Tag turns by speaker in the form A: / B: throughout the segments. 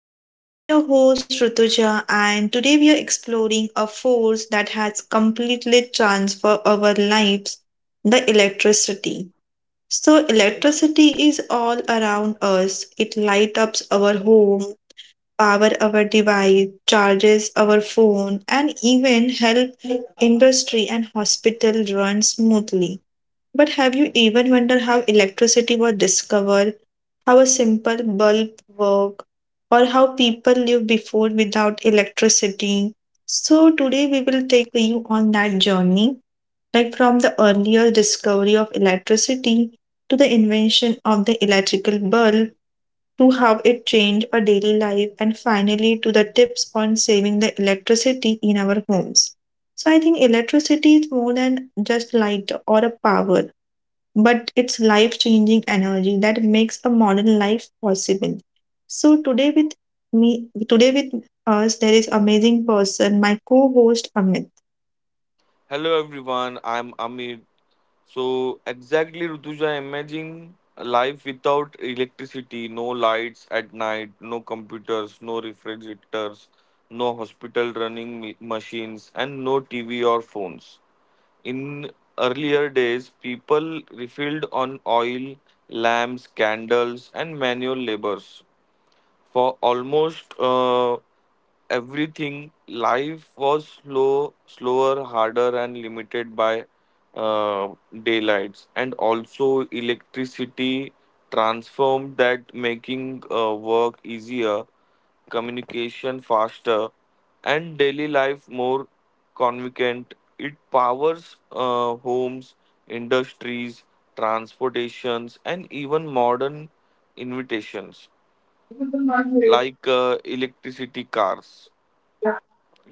A: I am your host Rutuja, and today we are exploring a force that has completely transformed our lives, the electricity. So, electricity is all around us. It lights up our home, power our device, charges our phone, and even help industry and hospital run smoothly. But have you even wondered how electricity was discovered? How a simple bulb work, or how people lived before without electricity. So today we will take you on that journey, like from the earlier discovery of electricity to the invention of the electrical bulb to how it changed our daily life and finally to the tips on saving the electricity in our homes. So I think electricity is more than just light or a power, but it's life changing energy that makes a modern life possible. So today with us, there is amazing person, my co-host Amit.
B: Hello everyone. I'm Amir. So exactly Rutuja, imagine a life without electricity, no lights at night, no computers, no refrigerators, no hospital running machines, and no TV or phones. In earlier days, people refilled on oil, lamps, candles, and manual labors for almost everything. Life was slow, slower, harder, and limited by uh, daylights. And also, electricity transformed that, making work easier, communication faster, and daily life more convenient. It powers homes, industries, transportations, and even modern invitations like electricity cars.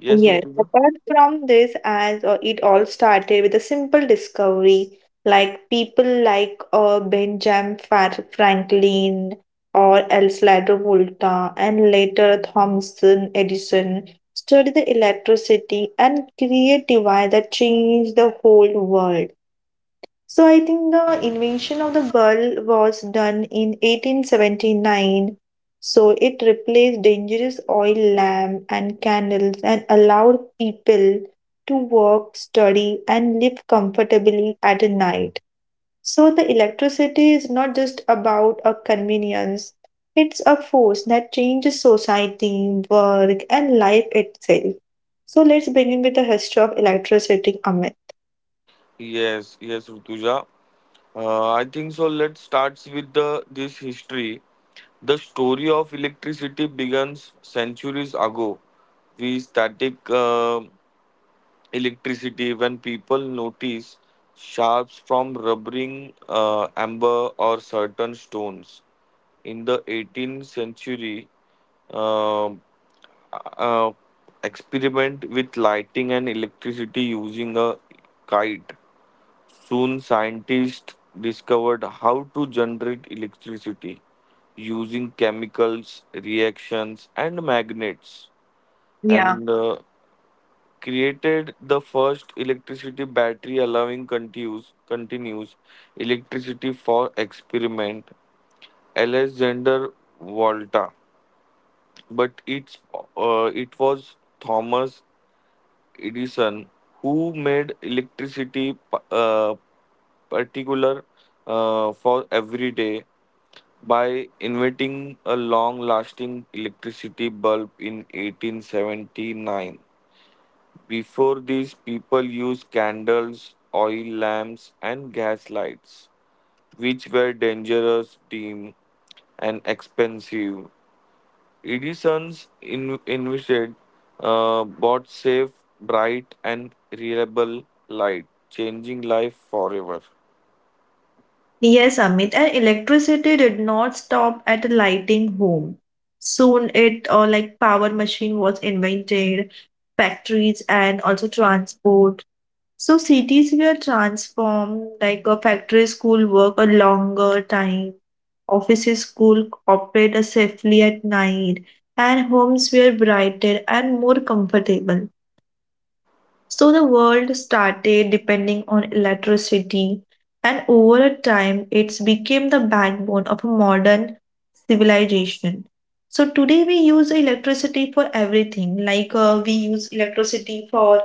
B: Yes,
A: Yes,
B: Rutuja.
A: apart from this, as it all started with a simple discovery, like people like Franklin or Elslada Volta and later Thomson Edison studied the electricity and create device that changed the whole world. So I think the invention of the bulb was done in 1879. So it replaced dangerous oil lamp and candles and allowed people to work, study and live comfortably at night. So the electricity is not just about a convenience. It's a force that changes society, work and life itself. So let's begin with the history of electricity, Amit.
B: Yes, yes, Rutuja. I think so. Let's start with the this history. The story of electricity begins centuries ago. We static electricity when people notice sharps from rubbering amber or certain stones. In the 18th century, um, uh, uh, experiment with lighting and electricity using a kite. Soon, scientists discovered how to generate electricity using chemicals, reactions, and magnets,
A: Yeah.
B: and created the first electricity battery allowing continuous electricity for experiment. Alexander Volta, but it was Thomas Edison, who made electricity particular for every day by inventing a long-lasting electricity bulb in 1879. Before this, people used candles, oil lamps, and gas lights, which were dangerous, dim, and expensive. Edison's invented bought safe, bright, and reliable light, changing life forever.
A: Yes, Amit, and electricity did not stop at lighting home. Soon it or like power machine was invented, factories and also transport. So cities were transformed, like a factory school work a longer time, offices school operate safely at night, and homes were brighter and more comfortable. So the world started depending on electricity, and over a time, it's became the backbone of a modern civilization. So today we use electricity for everything. Like we use electricity for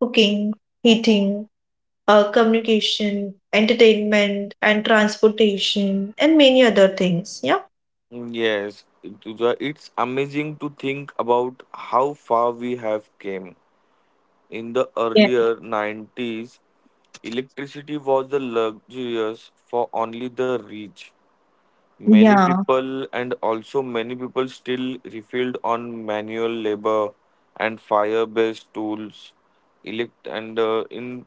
A: cooking, heating, communication, entertainment, and transportation, and many other things. Yeah.
B: Mm, yes, Tuja, it's amazing to think about how far we have came. In the
A: Yeah.
B: earlier 90s, electricity was the luxurious for only the rich. Many
A: Yeah.
B: people and also many people still refill on manual labor and fire-based tools. Elect and in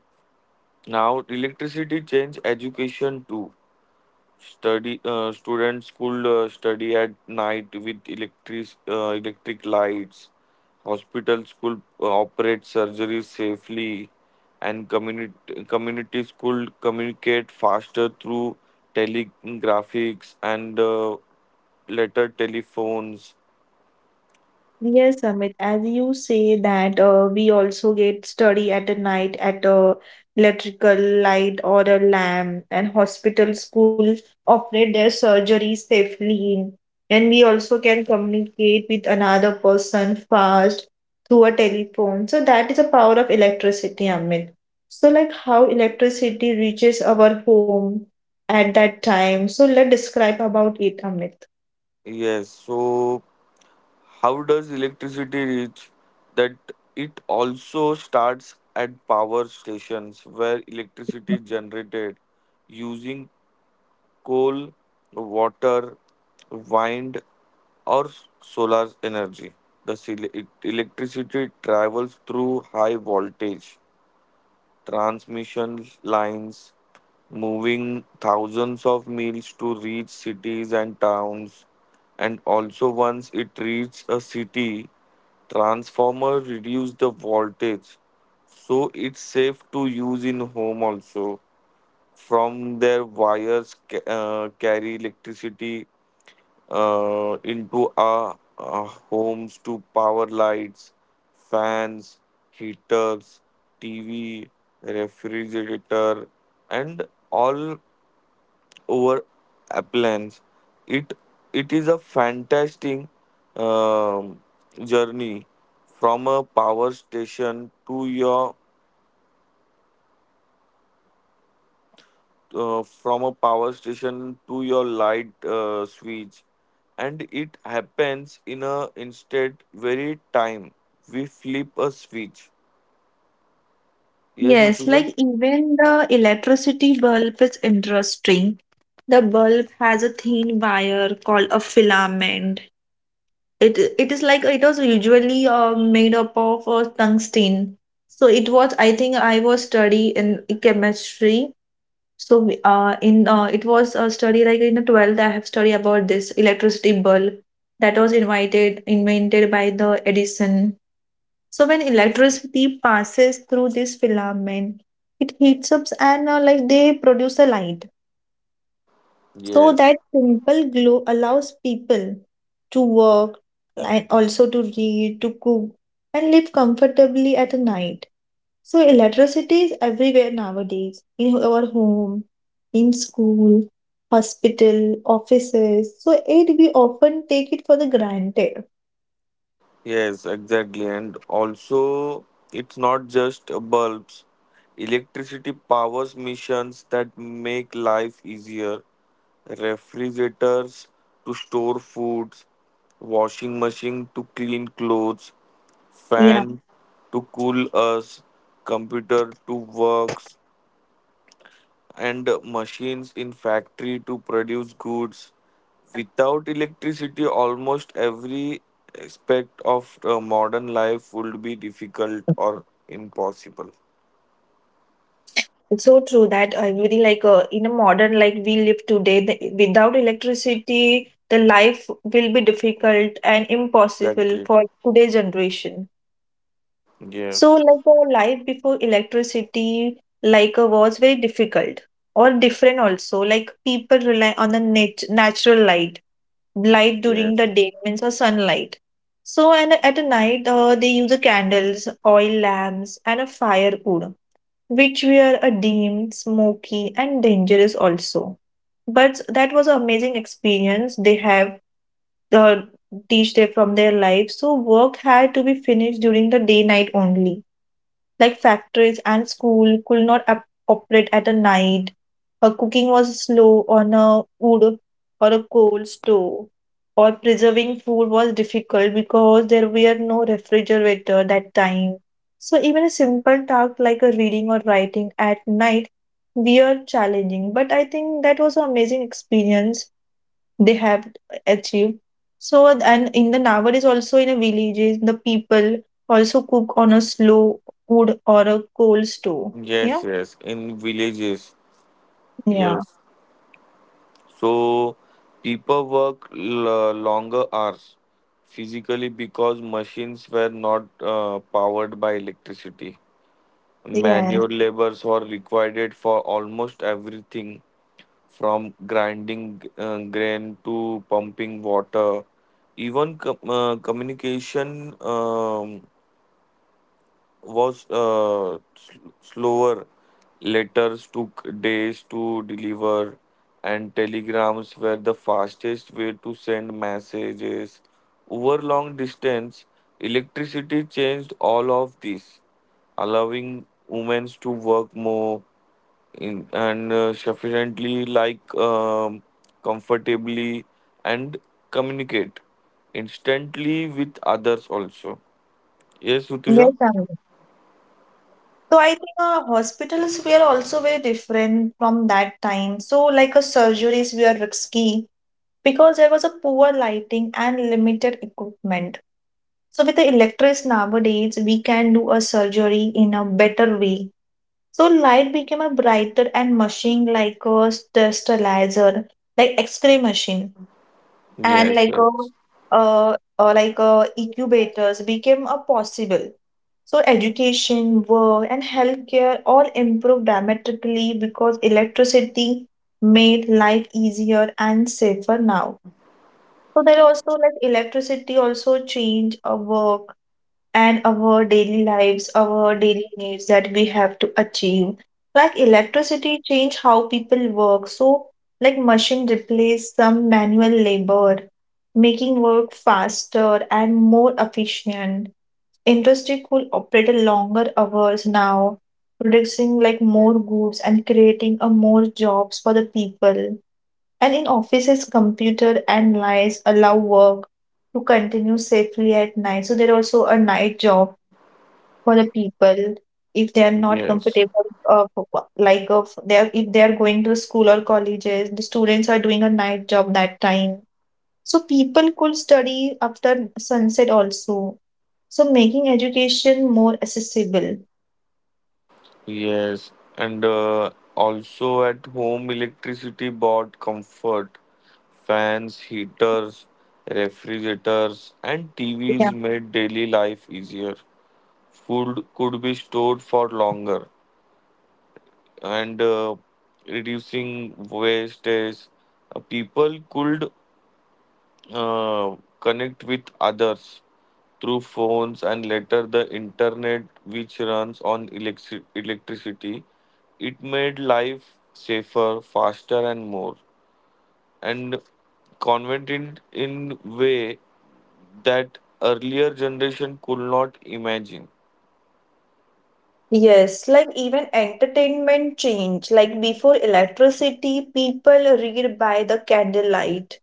B: Now electricity change education too. Study Students could study at night with electric lights. Hospitals could operate surgeries safely, and community communities could communicate faster through telegraphics and letter telephones.
A: Yes, Amit, as you say that we also get study at a night at a electrical light or a lamp and hospital school operate their surgeries safely and we also can communicate with another person fast through a telephone. So that is a power of electricity, Amit. So like how electricity reaches our home at that time. So let's describe about it, Amit.
B: Yes, so how does electricity reach? That it also starts at power stations where electricity is generated using coal, water, wind, or solar energy. The electricity travels through high voltage transmission lines moving thousands of miles to reach cities and towns. And also, once it reached a city, transformer reduce the voltage, so it's safe to use in home also. From their wires carry electricity into our homes to power lights, fans, heaters, TV, refrigerator, and all over appliance. It it is a fantastic um, journey from a power station to your light switch, and it happens in a instead very time we flip a switch. Yes,
A: Yes,
B: Rutuja?
A: like even the electricity bulb is interesting. The bulb has a thin wire called a filament. It is like it was usually made up of tungsten. So it was I think I was study in chemistry. So we- in it was a study like in the 12th I have studied about this electricity bulb that was invited invented by the Edison. So when electricity passes through this filament, it heats up and like they produce a light. So
B: Yes.
A: that simple glow allows people to work and also to read, to cook, and live comfortably at night. So electricity is everywhere nowadays in our home, in school, hospital, offices. So it we often take it for the granted.
B: Yes, exactly. And also, it's not just bulbs. Electricity powers missions that make life easier. Refrigerators to store foods, washing machine to clean clothes,
A: Yeah.
B: fan to cool us, computer to work, and machines in factory to produce goods. Without electricity, almost every aspect of modern life would be difficult or impossible.
A: It's so true that really like in a modern like we live today, the, without electricity, the life will be difficult and impossible
B: Exactly.
A: for today's generation. So
B: Yes.
A: like our life before electricity like was very difficult or different also. Like people rely on the natural light, light during the
B: Yes.
A: day means or sunlight. So and at a night they use the candles, oil lamps, and a firewood which were a deemed smoky and dangerous also. But that was an amazing experience. They have the teach they from their life. So work had to be finished during the day night only like factories and school could not operate at a night. Her cooking was slow on a wood or a coal stove, or preserving food was difficult because there were no refrigerator that time. So even a simple task like a reading or writing at night were challenging. But I think that was an amazing experience they have achieved. So and in the nowadays also in the villages the people also cook on a slow wood or a coal stove. Yeah.
B: Yes, yes, in villages.
A: Yeah.
B: Yes. So people work longer hours physically because machines were not powered by electricity.
A: Yes.
B: Manual labors were required for almost everything from grinding grain to pumping water. Even communication was slower. Letters took days to deliver, and telegrams were the fastest way to send messages. Over long distance, electricity changed all of this, allowing women to work more in, and sufficiently, comfortably, and communicate instantly with others also. Yes,
A: Yes,
B: Utuja?
A: Tanvi. So I think hospitals were also very different from that time. So like a surgeries were risky because there was a poor lighting and limited equipment. So with the electrics nowadays, we can do a surgery in a better way. So light became a brighter and machine like a sterilizer, like X-ray machine, and
B: Yes, yes.
A: like a incubators became a possible. So education, work, and healthcare all improved dramatically because electricity made life easier and safer now. So there also like electricity also changed our work and our daily needs that we have to achieve. Like electricity change how people work. So like machine replace some manual labor, making work faster and more efficient. Industry could operate longer hours now, producing like more goods and creating a more jobs for the people. And in offices, computer and lights allow work to continue safely at night. So there are also a night job for the people if they are not
B: Yes,
A: comfortable of if they are going to school or colleges, the students are doing a night job that time, so people could study after sunset also, so making education more accessible.
B: yes, and also at home, electricity bought comfort. Fans, heaters, refrigerators, and
A: Yeah.
B: TVs made daily life easier. Food could be stored for longer, and reducing wastage. People could connect with others through phones and later the internet which runs on electricity. It made life safer, faster, and more and convenient in way that earlier generation could not imagine.
A: Yes, like even entertainment change. Like before electricity, people read by the candlelight,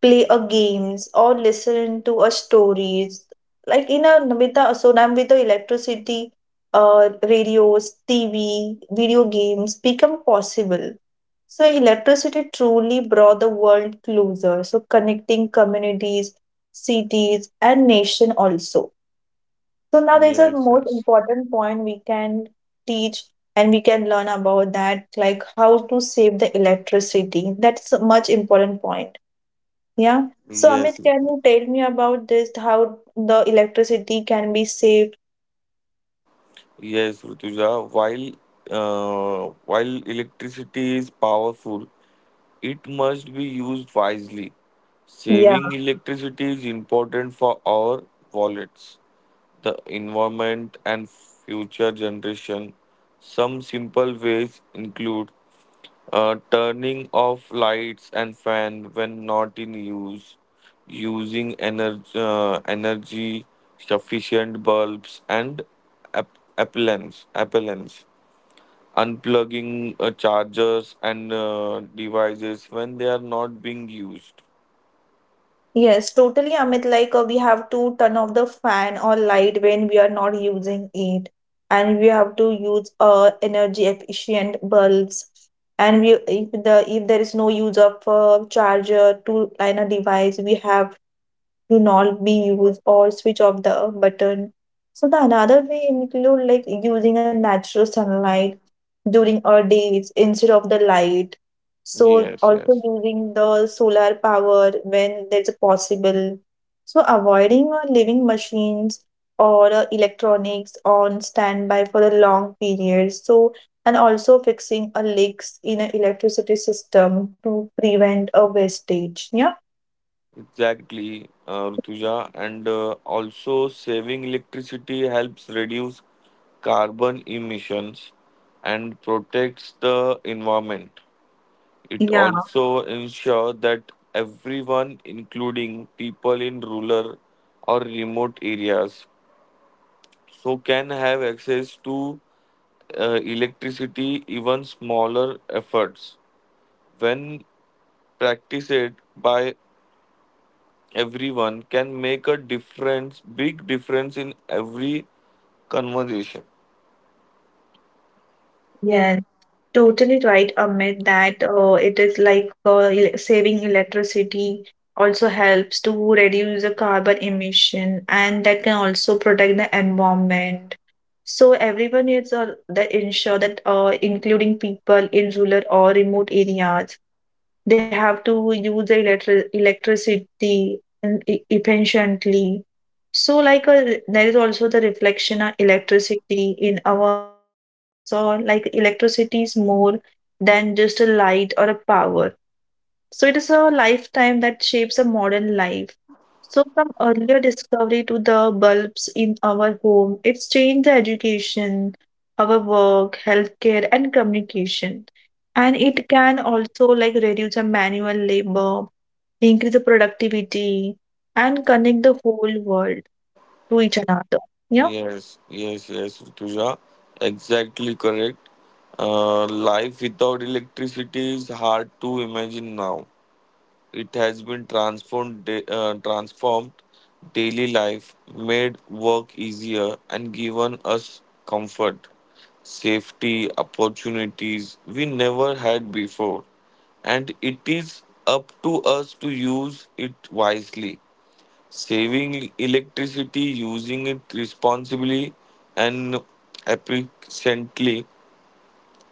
A: play a games or listen to a stories, like in a with the so now with the electricity, radios, TV, video games become possible. So electricity truly brought the world closer, so connecting communities, cities and nation also. So now there's a
B: Yes,
A: most
B: yes.
A: important point we can teach, and we can learn about that, like how to save the electricity. That's a much important point. Yeah. So, Amit,
B: Yes,
A: can you tell me about this, how the electricity can be saved?
B: yes, Rutuja. While electricity is powerful, it must be used wisely.
A: Yeah.
B: Saving electricity is important for our wallets, the environment, and future generation. Some simple ways include turning off lights and fan when not in use, using energy sufficient bulbs and appellants, unplugging chargers and devices when they are not being used.
A: Yes, totally, Amit. Like, we have to turn off the fan or light when we are not using it. And we have to use energy efficient bulbs. And we, if there is no use of charger to line a device, we have to not be used or switch off the button. So the another way include like using a natural sunlight during our days instead of the light. So
B: Yes,
A: also
B: yes,
A: using the solar power when there's a possible. So avoiding living machines or electronics on standby for the long periods. So and also fixing a leaks in an electricity system to prevent a wastage. Yeah.
B: exactly, Rutuja. And also, saving electricity helps reduce carbon emissions and protects the environment. It
A: Yeah.
B: also ensures that everyone, including people in rural or remote areas, so can have access to electricity. Even smaller efforts when practiced by everyone can make a difference big difference in every conversation.
A: Yes. Totally right, Amit, that it is like saving electricity also helps to reduce the carbon emission and that can also protect the environment. So everyone needs that ensure that including people in rural or remote areas, they have to use the electricity and efficiently. So, like, there is also the reflection of electricity in our daily lives. So, like, electricity is more than just a light or a power. So, it is a lifetime that shapes a modern life. So, from earlier discovery to the bulbs in our home, it's changed the education, our work, healthcare, and communication. And it can also, like, reduce the manual labor, increase the productivity, and connect the whole world to each another. Yeah.
B: Yes, yes, yes, Rituja. Exactly correct. Life without electricity is hard to imagine now. It has been transformed daily life, made work easier, and given us comfort, safety, opportunities we never had before. And it is up to us to use it wisely, saving electricity, using it responsibly, and efficiently.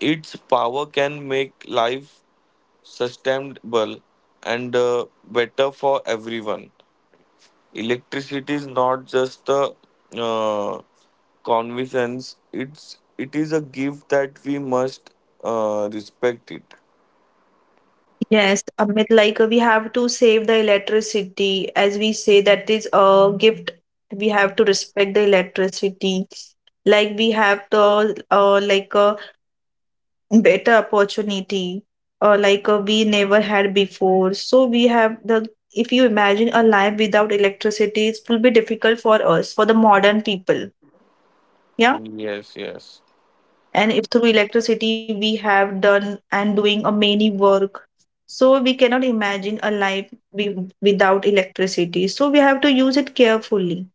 B: Its power can make life sustainable and better for everyone. Electricity is not just a uh, convenience; it is a gift that we must respect it.
A: Yes, Amit, like we have to save the electricity, as we say that is a gift. We have to respect the electricity. Like we have the like a better opportunity, or like we never had before. So we have the. If you imagine a life without electricity, it will be difficult for us, for the modern people. Yeah.
B: Yes, yes,
A: And if through electricity we have done and doing a many work, so we cannot imagine a life without electricity, so we have to use it carefully.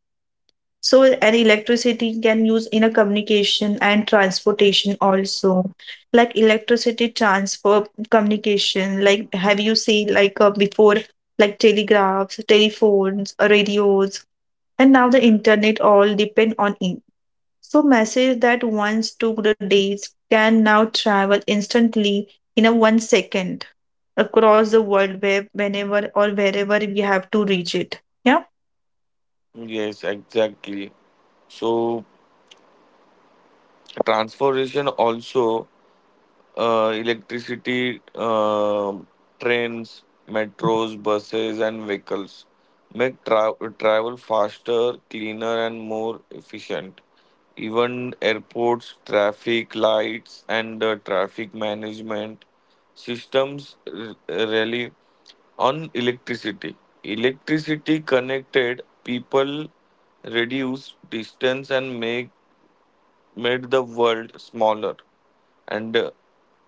A: So an electricity can use in a communication and transportation also, like electricity transfer communication, like have you seen like before, like telegraphs, telephones, radios, and now the internet all depend on it. So, messages that once took the days can now travel instantly in a 1 second across the world web whenever or wherever we have to reach it. Yeah.
B: yes, exactly. So transformation also. uh, electricity, um Trains, metros, buses, and vehicles make travel faster, cleaner, and more efficient. Even airports, traffic lights, and traffic management systems rely on electricity. Electricity connected people, reduce distance, and make made the world smaller, and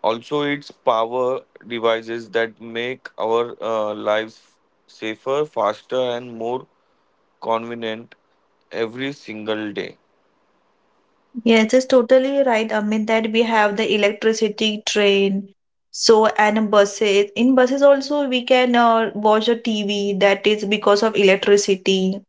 B: also its power devices that make our lives safer, faster, and more convenient every single day.
A: Yes, it's totally right. I mean that we have the electricity, train, so and buses. In buses also we can watch a TV, that is because of electricity.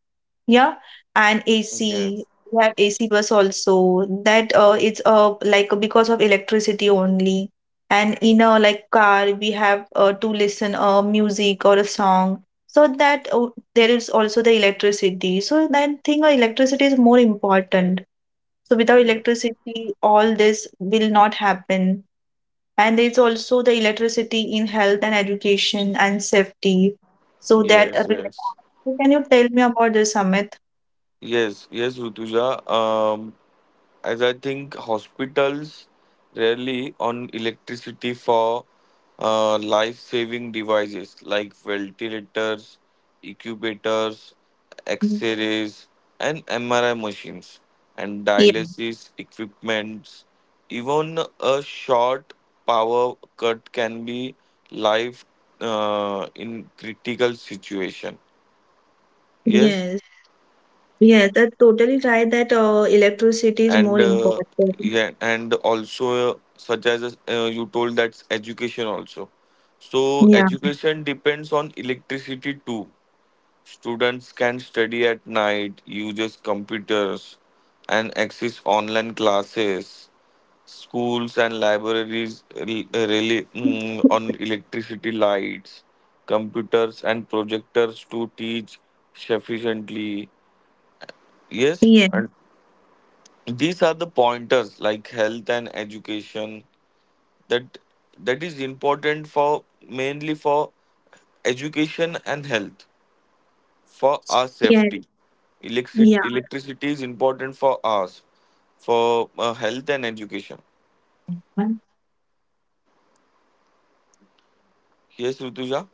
A: Yeah, and AC.
B: Yes,
A: We have AC bus also. That it's like because of electricity only. And in a like car, we have to listen music or a song. So that there is also the electricity. So that thing, electricity is more important. So without
B: yes,
A: electricity, all this will not happen. And there's also the electricity in health and education and safety. So that
B: yes, yes,
A: can you tell me about this, Amit?
B: yes, yes, Rutuja. As I think hospitals rarely on electricity for life-saving devices like ventilators, incubators, X-rays, and MRI machines, and
A: Yeah.
B: dialysis equipments. Even a short power cut can be life in critical situation. Yes,
A: Yes, yes, that totally right that electricity is more
B: and
A: important.
B: yeah, and also such as you told, that's education also. So
A: Yeah.
B: education depends on electricity too. Students can study at night, uses computers and access online classes. Schools and libraries rely on electricity lights, computers and projectors to teach sufficiently. Yes,
A: Yeah.
B: these are the pointers like health and education. that that is important for mainly for education and health. For our safety,
A: Yeah.
B: electricity is important for us for health and education.
A: Yeah.
B: Yes, Rutuja.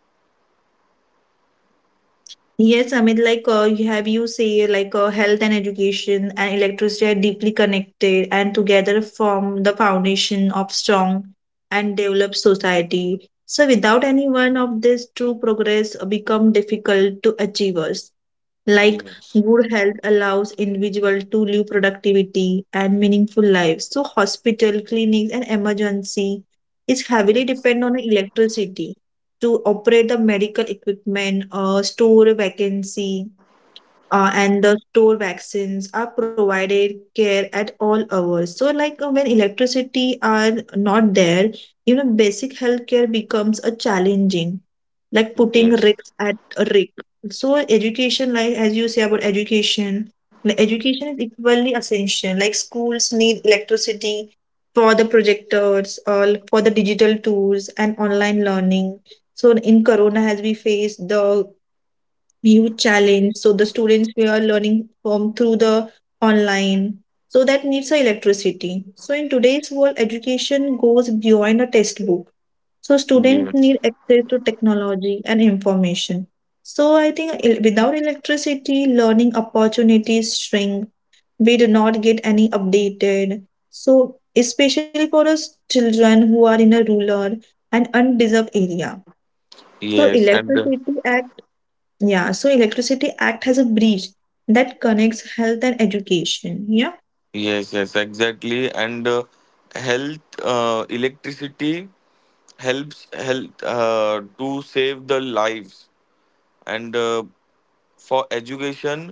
A: Yes, you say, health and education and electricity are deeply connected and together form the foundation of strong and developed society. So, without any one of these, true progress become difficult to achieve us. Like
B: Yes,
A: good health allows individual to live productivity and meaningful lives. So, hospital, clinics, and emergency is heavily
B: yes,
A: depend on electricity to operate the medical equipment, store vacancy, and the store vaccines are provided care at all hours so like when electricity are not there basic healthcare becomes a challenging like putting
B: yes,
A: risks at a risk. So education like as you say about education, like education is equally essential, like schools need electricity for the projectors or for the digital tools and online learning. So in corona as we face the huge challenge. So the students were learning from through the online. So that needs a electricity. So in today's world, education goes beyond a textbook. So students
B: yes,
A: need access to technology and information. So I think without electricity, learning opportunities shrink. We do not get any updated. So especially for us children who are in a rural and undeserved area. So
B: yes, and
A: electricity yeah, so Electricity Act has a bridge that connects health and education. Yeah.
B: yes, yes, exactly. And health, electricity help to save the lives, and for education,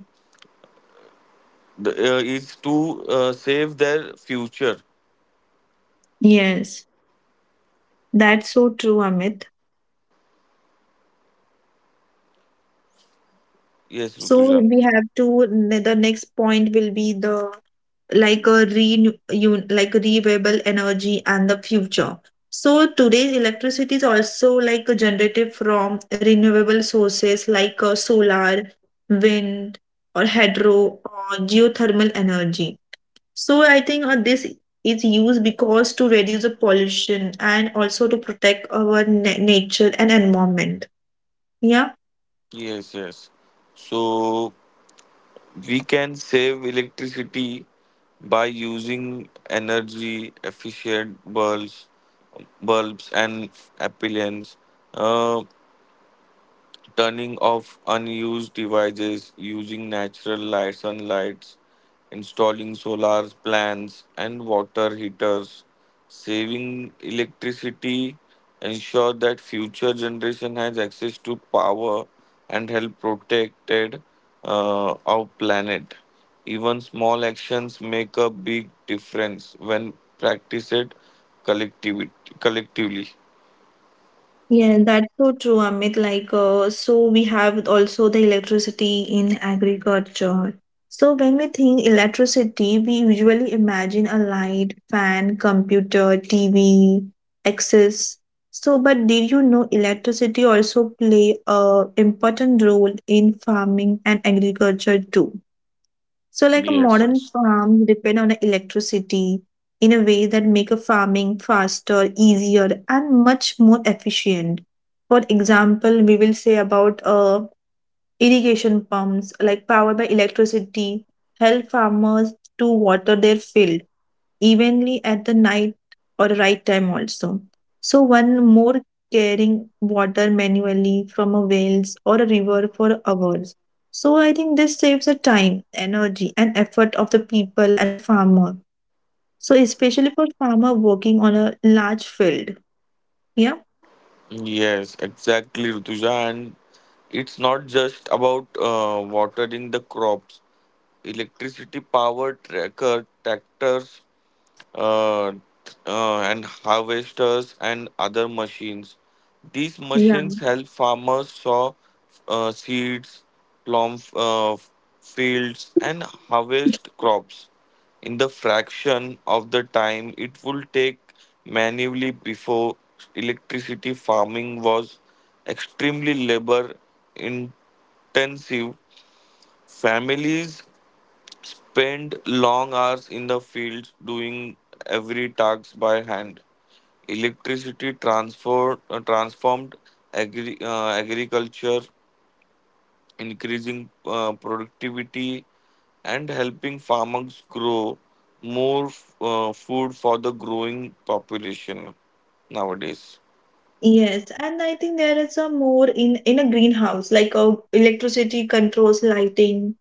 B: is to save their future.
A: Yes, that's so true, Amit.
B: Yes,
A: So
B: Rutuja.
A: we have to the next point will be the like a like renewable energy and the future. So today's electricity is also like a generated from renewable sources like solar, wind, or hydro or geothermal energy. So I think this is used because to reduce the pollution and also to protect our nature and environment. Yeah.
B: Yes, yes. So we can save electricity by using energy efficient bulbs and appliances. Uh, Turning off unused devices, using natural light, sunlight, installing solar plants and water heaters, saving electricity, ensure that future generation has access to power and help protected our planet. Even small actions make a big difference when practiced collectivity, collectively.
A: Yeah, that's so true, Amit. Like, so we have also the electricity in agriculture. So when we think electricity, we usually imagine a light, fan, computer, TV, access. So, but did you know electricity also play a important role in farming and agriculture too? So, like a
B: Yes,
A: modern
B: yes.
A: farm depend on electricity in a way that make a farming faster, easier, and much more efficient. For example, we will say about irrigation pumps, like powered by electricity, help farmers to water their field evenly at the night or right time also. So one more carrying water manually from a wells or a river for hours. So I think this saves the time, energy, and effort of the people and the farmer. So especially for farmer working on a large field. Yeah.
B: Yes, exactly, Rutuja. And it's not just about watering the crops. Electricity powered tracker tractors uh, and harvesters and other machines. These machines
A: Yeah.
B: help farmers sow seeds, plumb fields, and harvest crops in the fraction of the time it would take manually. Before electricity, farming was extremely labor intensive. Families spend long hours in the fields doing every task by hand. Electricity transformed agriculture, increasing productivity and helping farmers grow more food for the growing population nowadays.
A: Yes, and I think there is a more in a greenhouse, like a electricity controls lighting,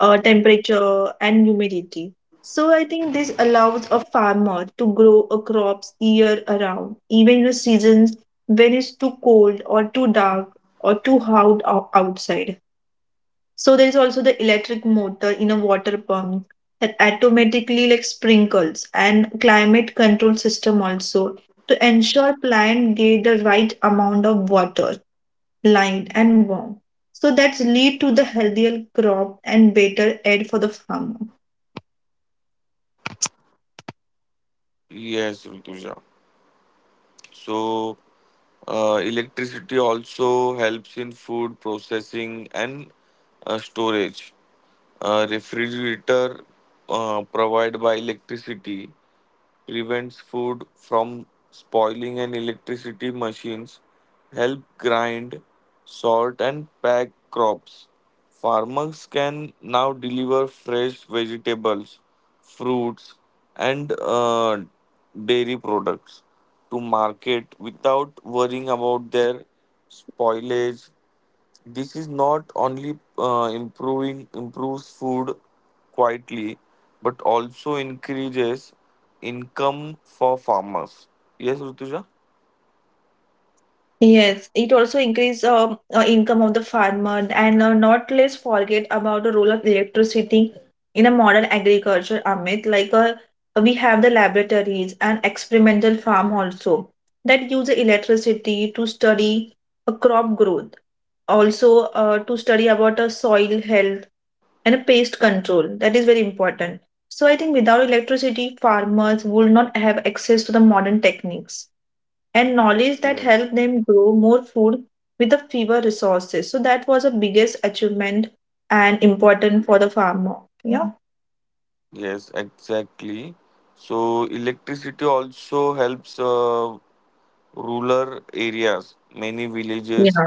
A: temperature, and humidity. So I think this allows a farmer to grow a crops year around, even in the seasons when it's too cold or too dark or too hot outside. So there is also the electric motor in a water pump that automatically like sprinkles and climate control system also to ensure plant get the right amount of water light and warm. So that's lead to the healthier crop and better aid for the farmer.
B: Yes, Rituja. So electricity also helps in food processing and storage. Refrigerator provided by electricity prevents food from spoiling, and electricity machines help grind, sort and pack crops. Farmers can now deliver fresh vegetables, fruits and dairy products to market without worrying about their spoilage. This is not only improving improves food quietly, but also increases income for farmers. Yes, Rutuja?
A: Yes, it also increase income of the farmer and not less forget about the role of electricity in a modern agriculture, Amit. Like, we have the laboratories and experimental farm also that use the electricity to study a crop growth, also to study about a soil health and a pest control. That is very important. So I think without electricity, farmers would not have access to the modern techniques and knowledge that
B: Yes.
A: help them grow more food with the fewer resources. So that was the biggest achievement and important for the farmer. Yeah.
B: Yes, exactly. So electricity also helps rural areas. Many
A: Yeah.
B: villages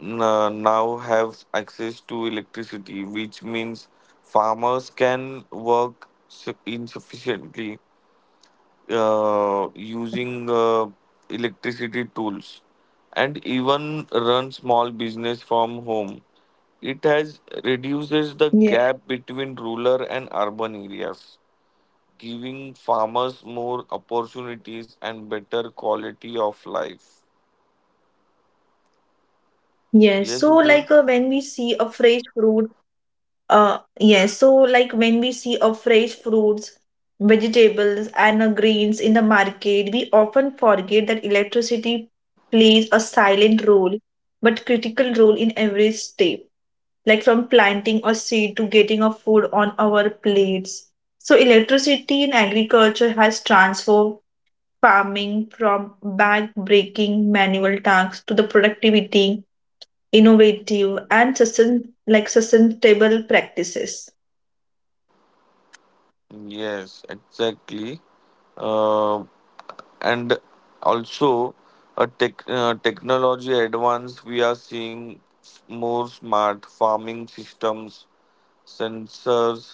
B: now have access to electricity, which means farmers can work insufficiently using electricity tools and even run small business from home. It has
A: Yeah.
B: reduces the gap between rural and urban areas, giving farmers more opportunities and better quality of life.
A: Yes. So like when
B: Yes,
A: we see
B: Rutuja?
A: a fresh fruit. Yes. So, like when we see a fresh fruits, vegetables, and grains in the market, we often forget that electricity plays a silent role, but critical role in every step, like from planting a seed to getting a food on our plates. So, electricity in agriculture has transformed farming from back-breaking manual tasks to the productivity innovative and sustainable practices.
B: Yes, exactly. Uh, and also, a technology advance, we are seeing more smart farming systems, sensors,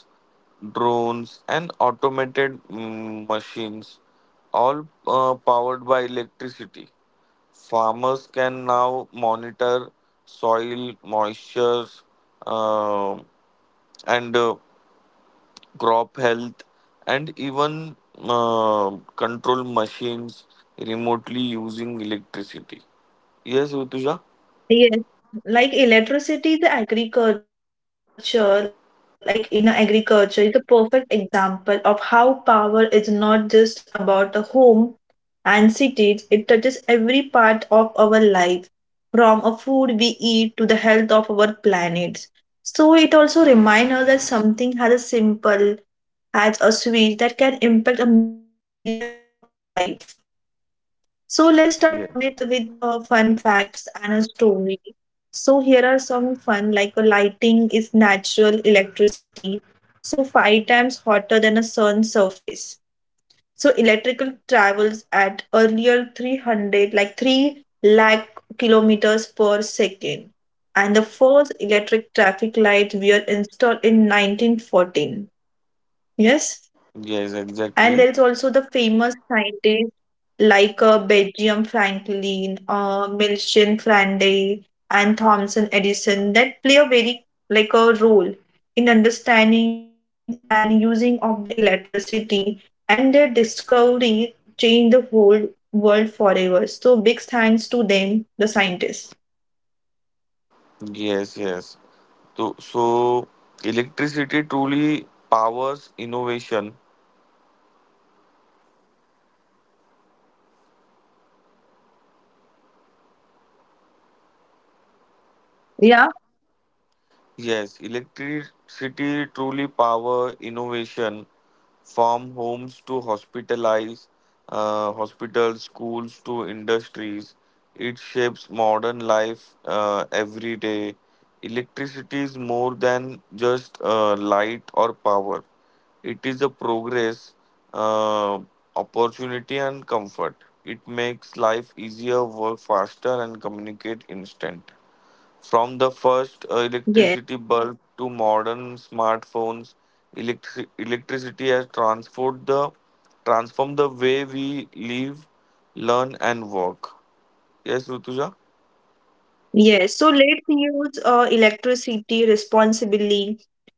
B: drones, and automated machines, all powered by electricity. Farmers can now monitor soil moisture uh, and crop health, and even control machines remotely using electricity. Yes, Utuja?
A: Yes. Like electricity, the agriculture, like in agriculture, is a perfect example of how power is not just about the home and cities. It touches every part of our life, from a food we eat to the health of our planet. So it also reminds us that something has a simple, has a switch that can impact a millions of life. So let's start Amit with
B: Yes.
A: fun facts and a story. So here are some fun like a lighting is natural electricity, so five times hotter than a sun surface. So electrical travels at earlier 300 like 3 lakh kilometers per second. And the first electric traffic lights were installed in 1914. Yes?
B: Yes,
A: And
B: exactly.
A: there is also the famous scientists like Belgium Franklin, Milton Flandre, and Thomson Edison that play a very like a role in understanding and using of the electricity, and their discovery changed the whole world forever. So big thanks to them, the scientists.
B: Yes, yes. So, so electricity truly powers innovation.
A: Yeah.
B: Yes, electricity truly power innovation from homes to hospitalized hospitals, schools to industries. It shapes modern life every day. Electricity is more than just light or power. It is a progress, uh, opportunity, and comfort. It makes life easier, work faster, and communicate instant. From the first electricity
A: Yes.
B: bulb to modern smartphones, electricity has transformed the way we live, learn, and work. Yes, Rutuja.
A: Yes. So let's use electricity responsibly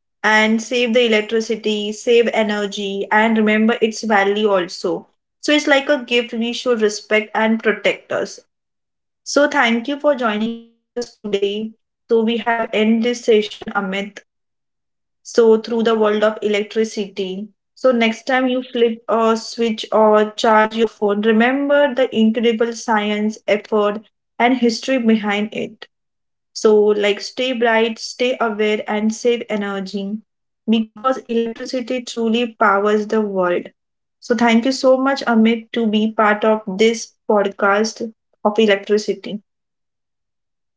A: and save the electricity, save energy, and remember its value also. So it's like a gift we should respect and protect us. So thank you for joining us today. So we have end this session, Amit. So through the world of electricity. So next time you flip a switch or charge your phone, remember the incredible science, effort, and history behind it. So, like, stay bright, stay aware, and save energy because electricity truly powers the world. So, thank you so much, Amit, to be part of this podcast of electricity.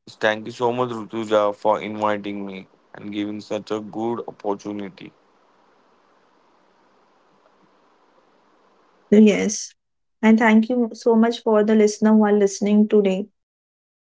B: Yes, thank you so much, Rutuja, for inviting me and giving such a good opportunity.
A: Yes. And thank you so much for the listener who are listening today.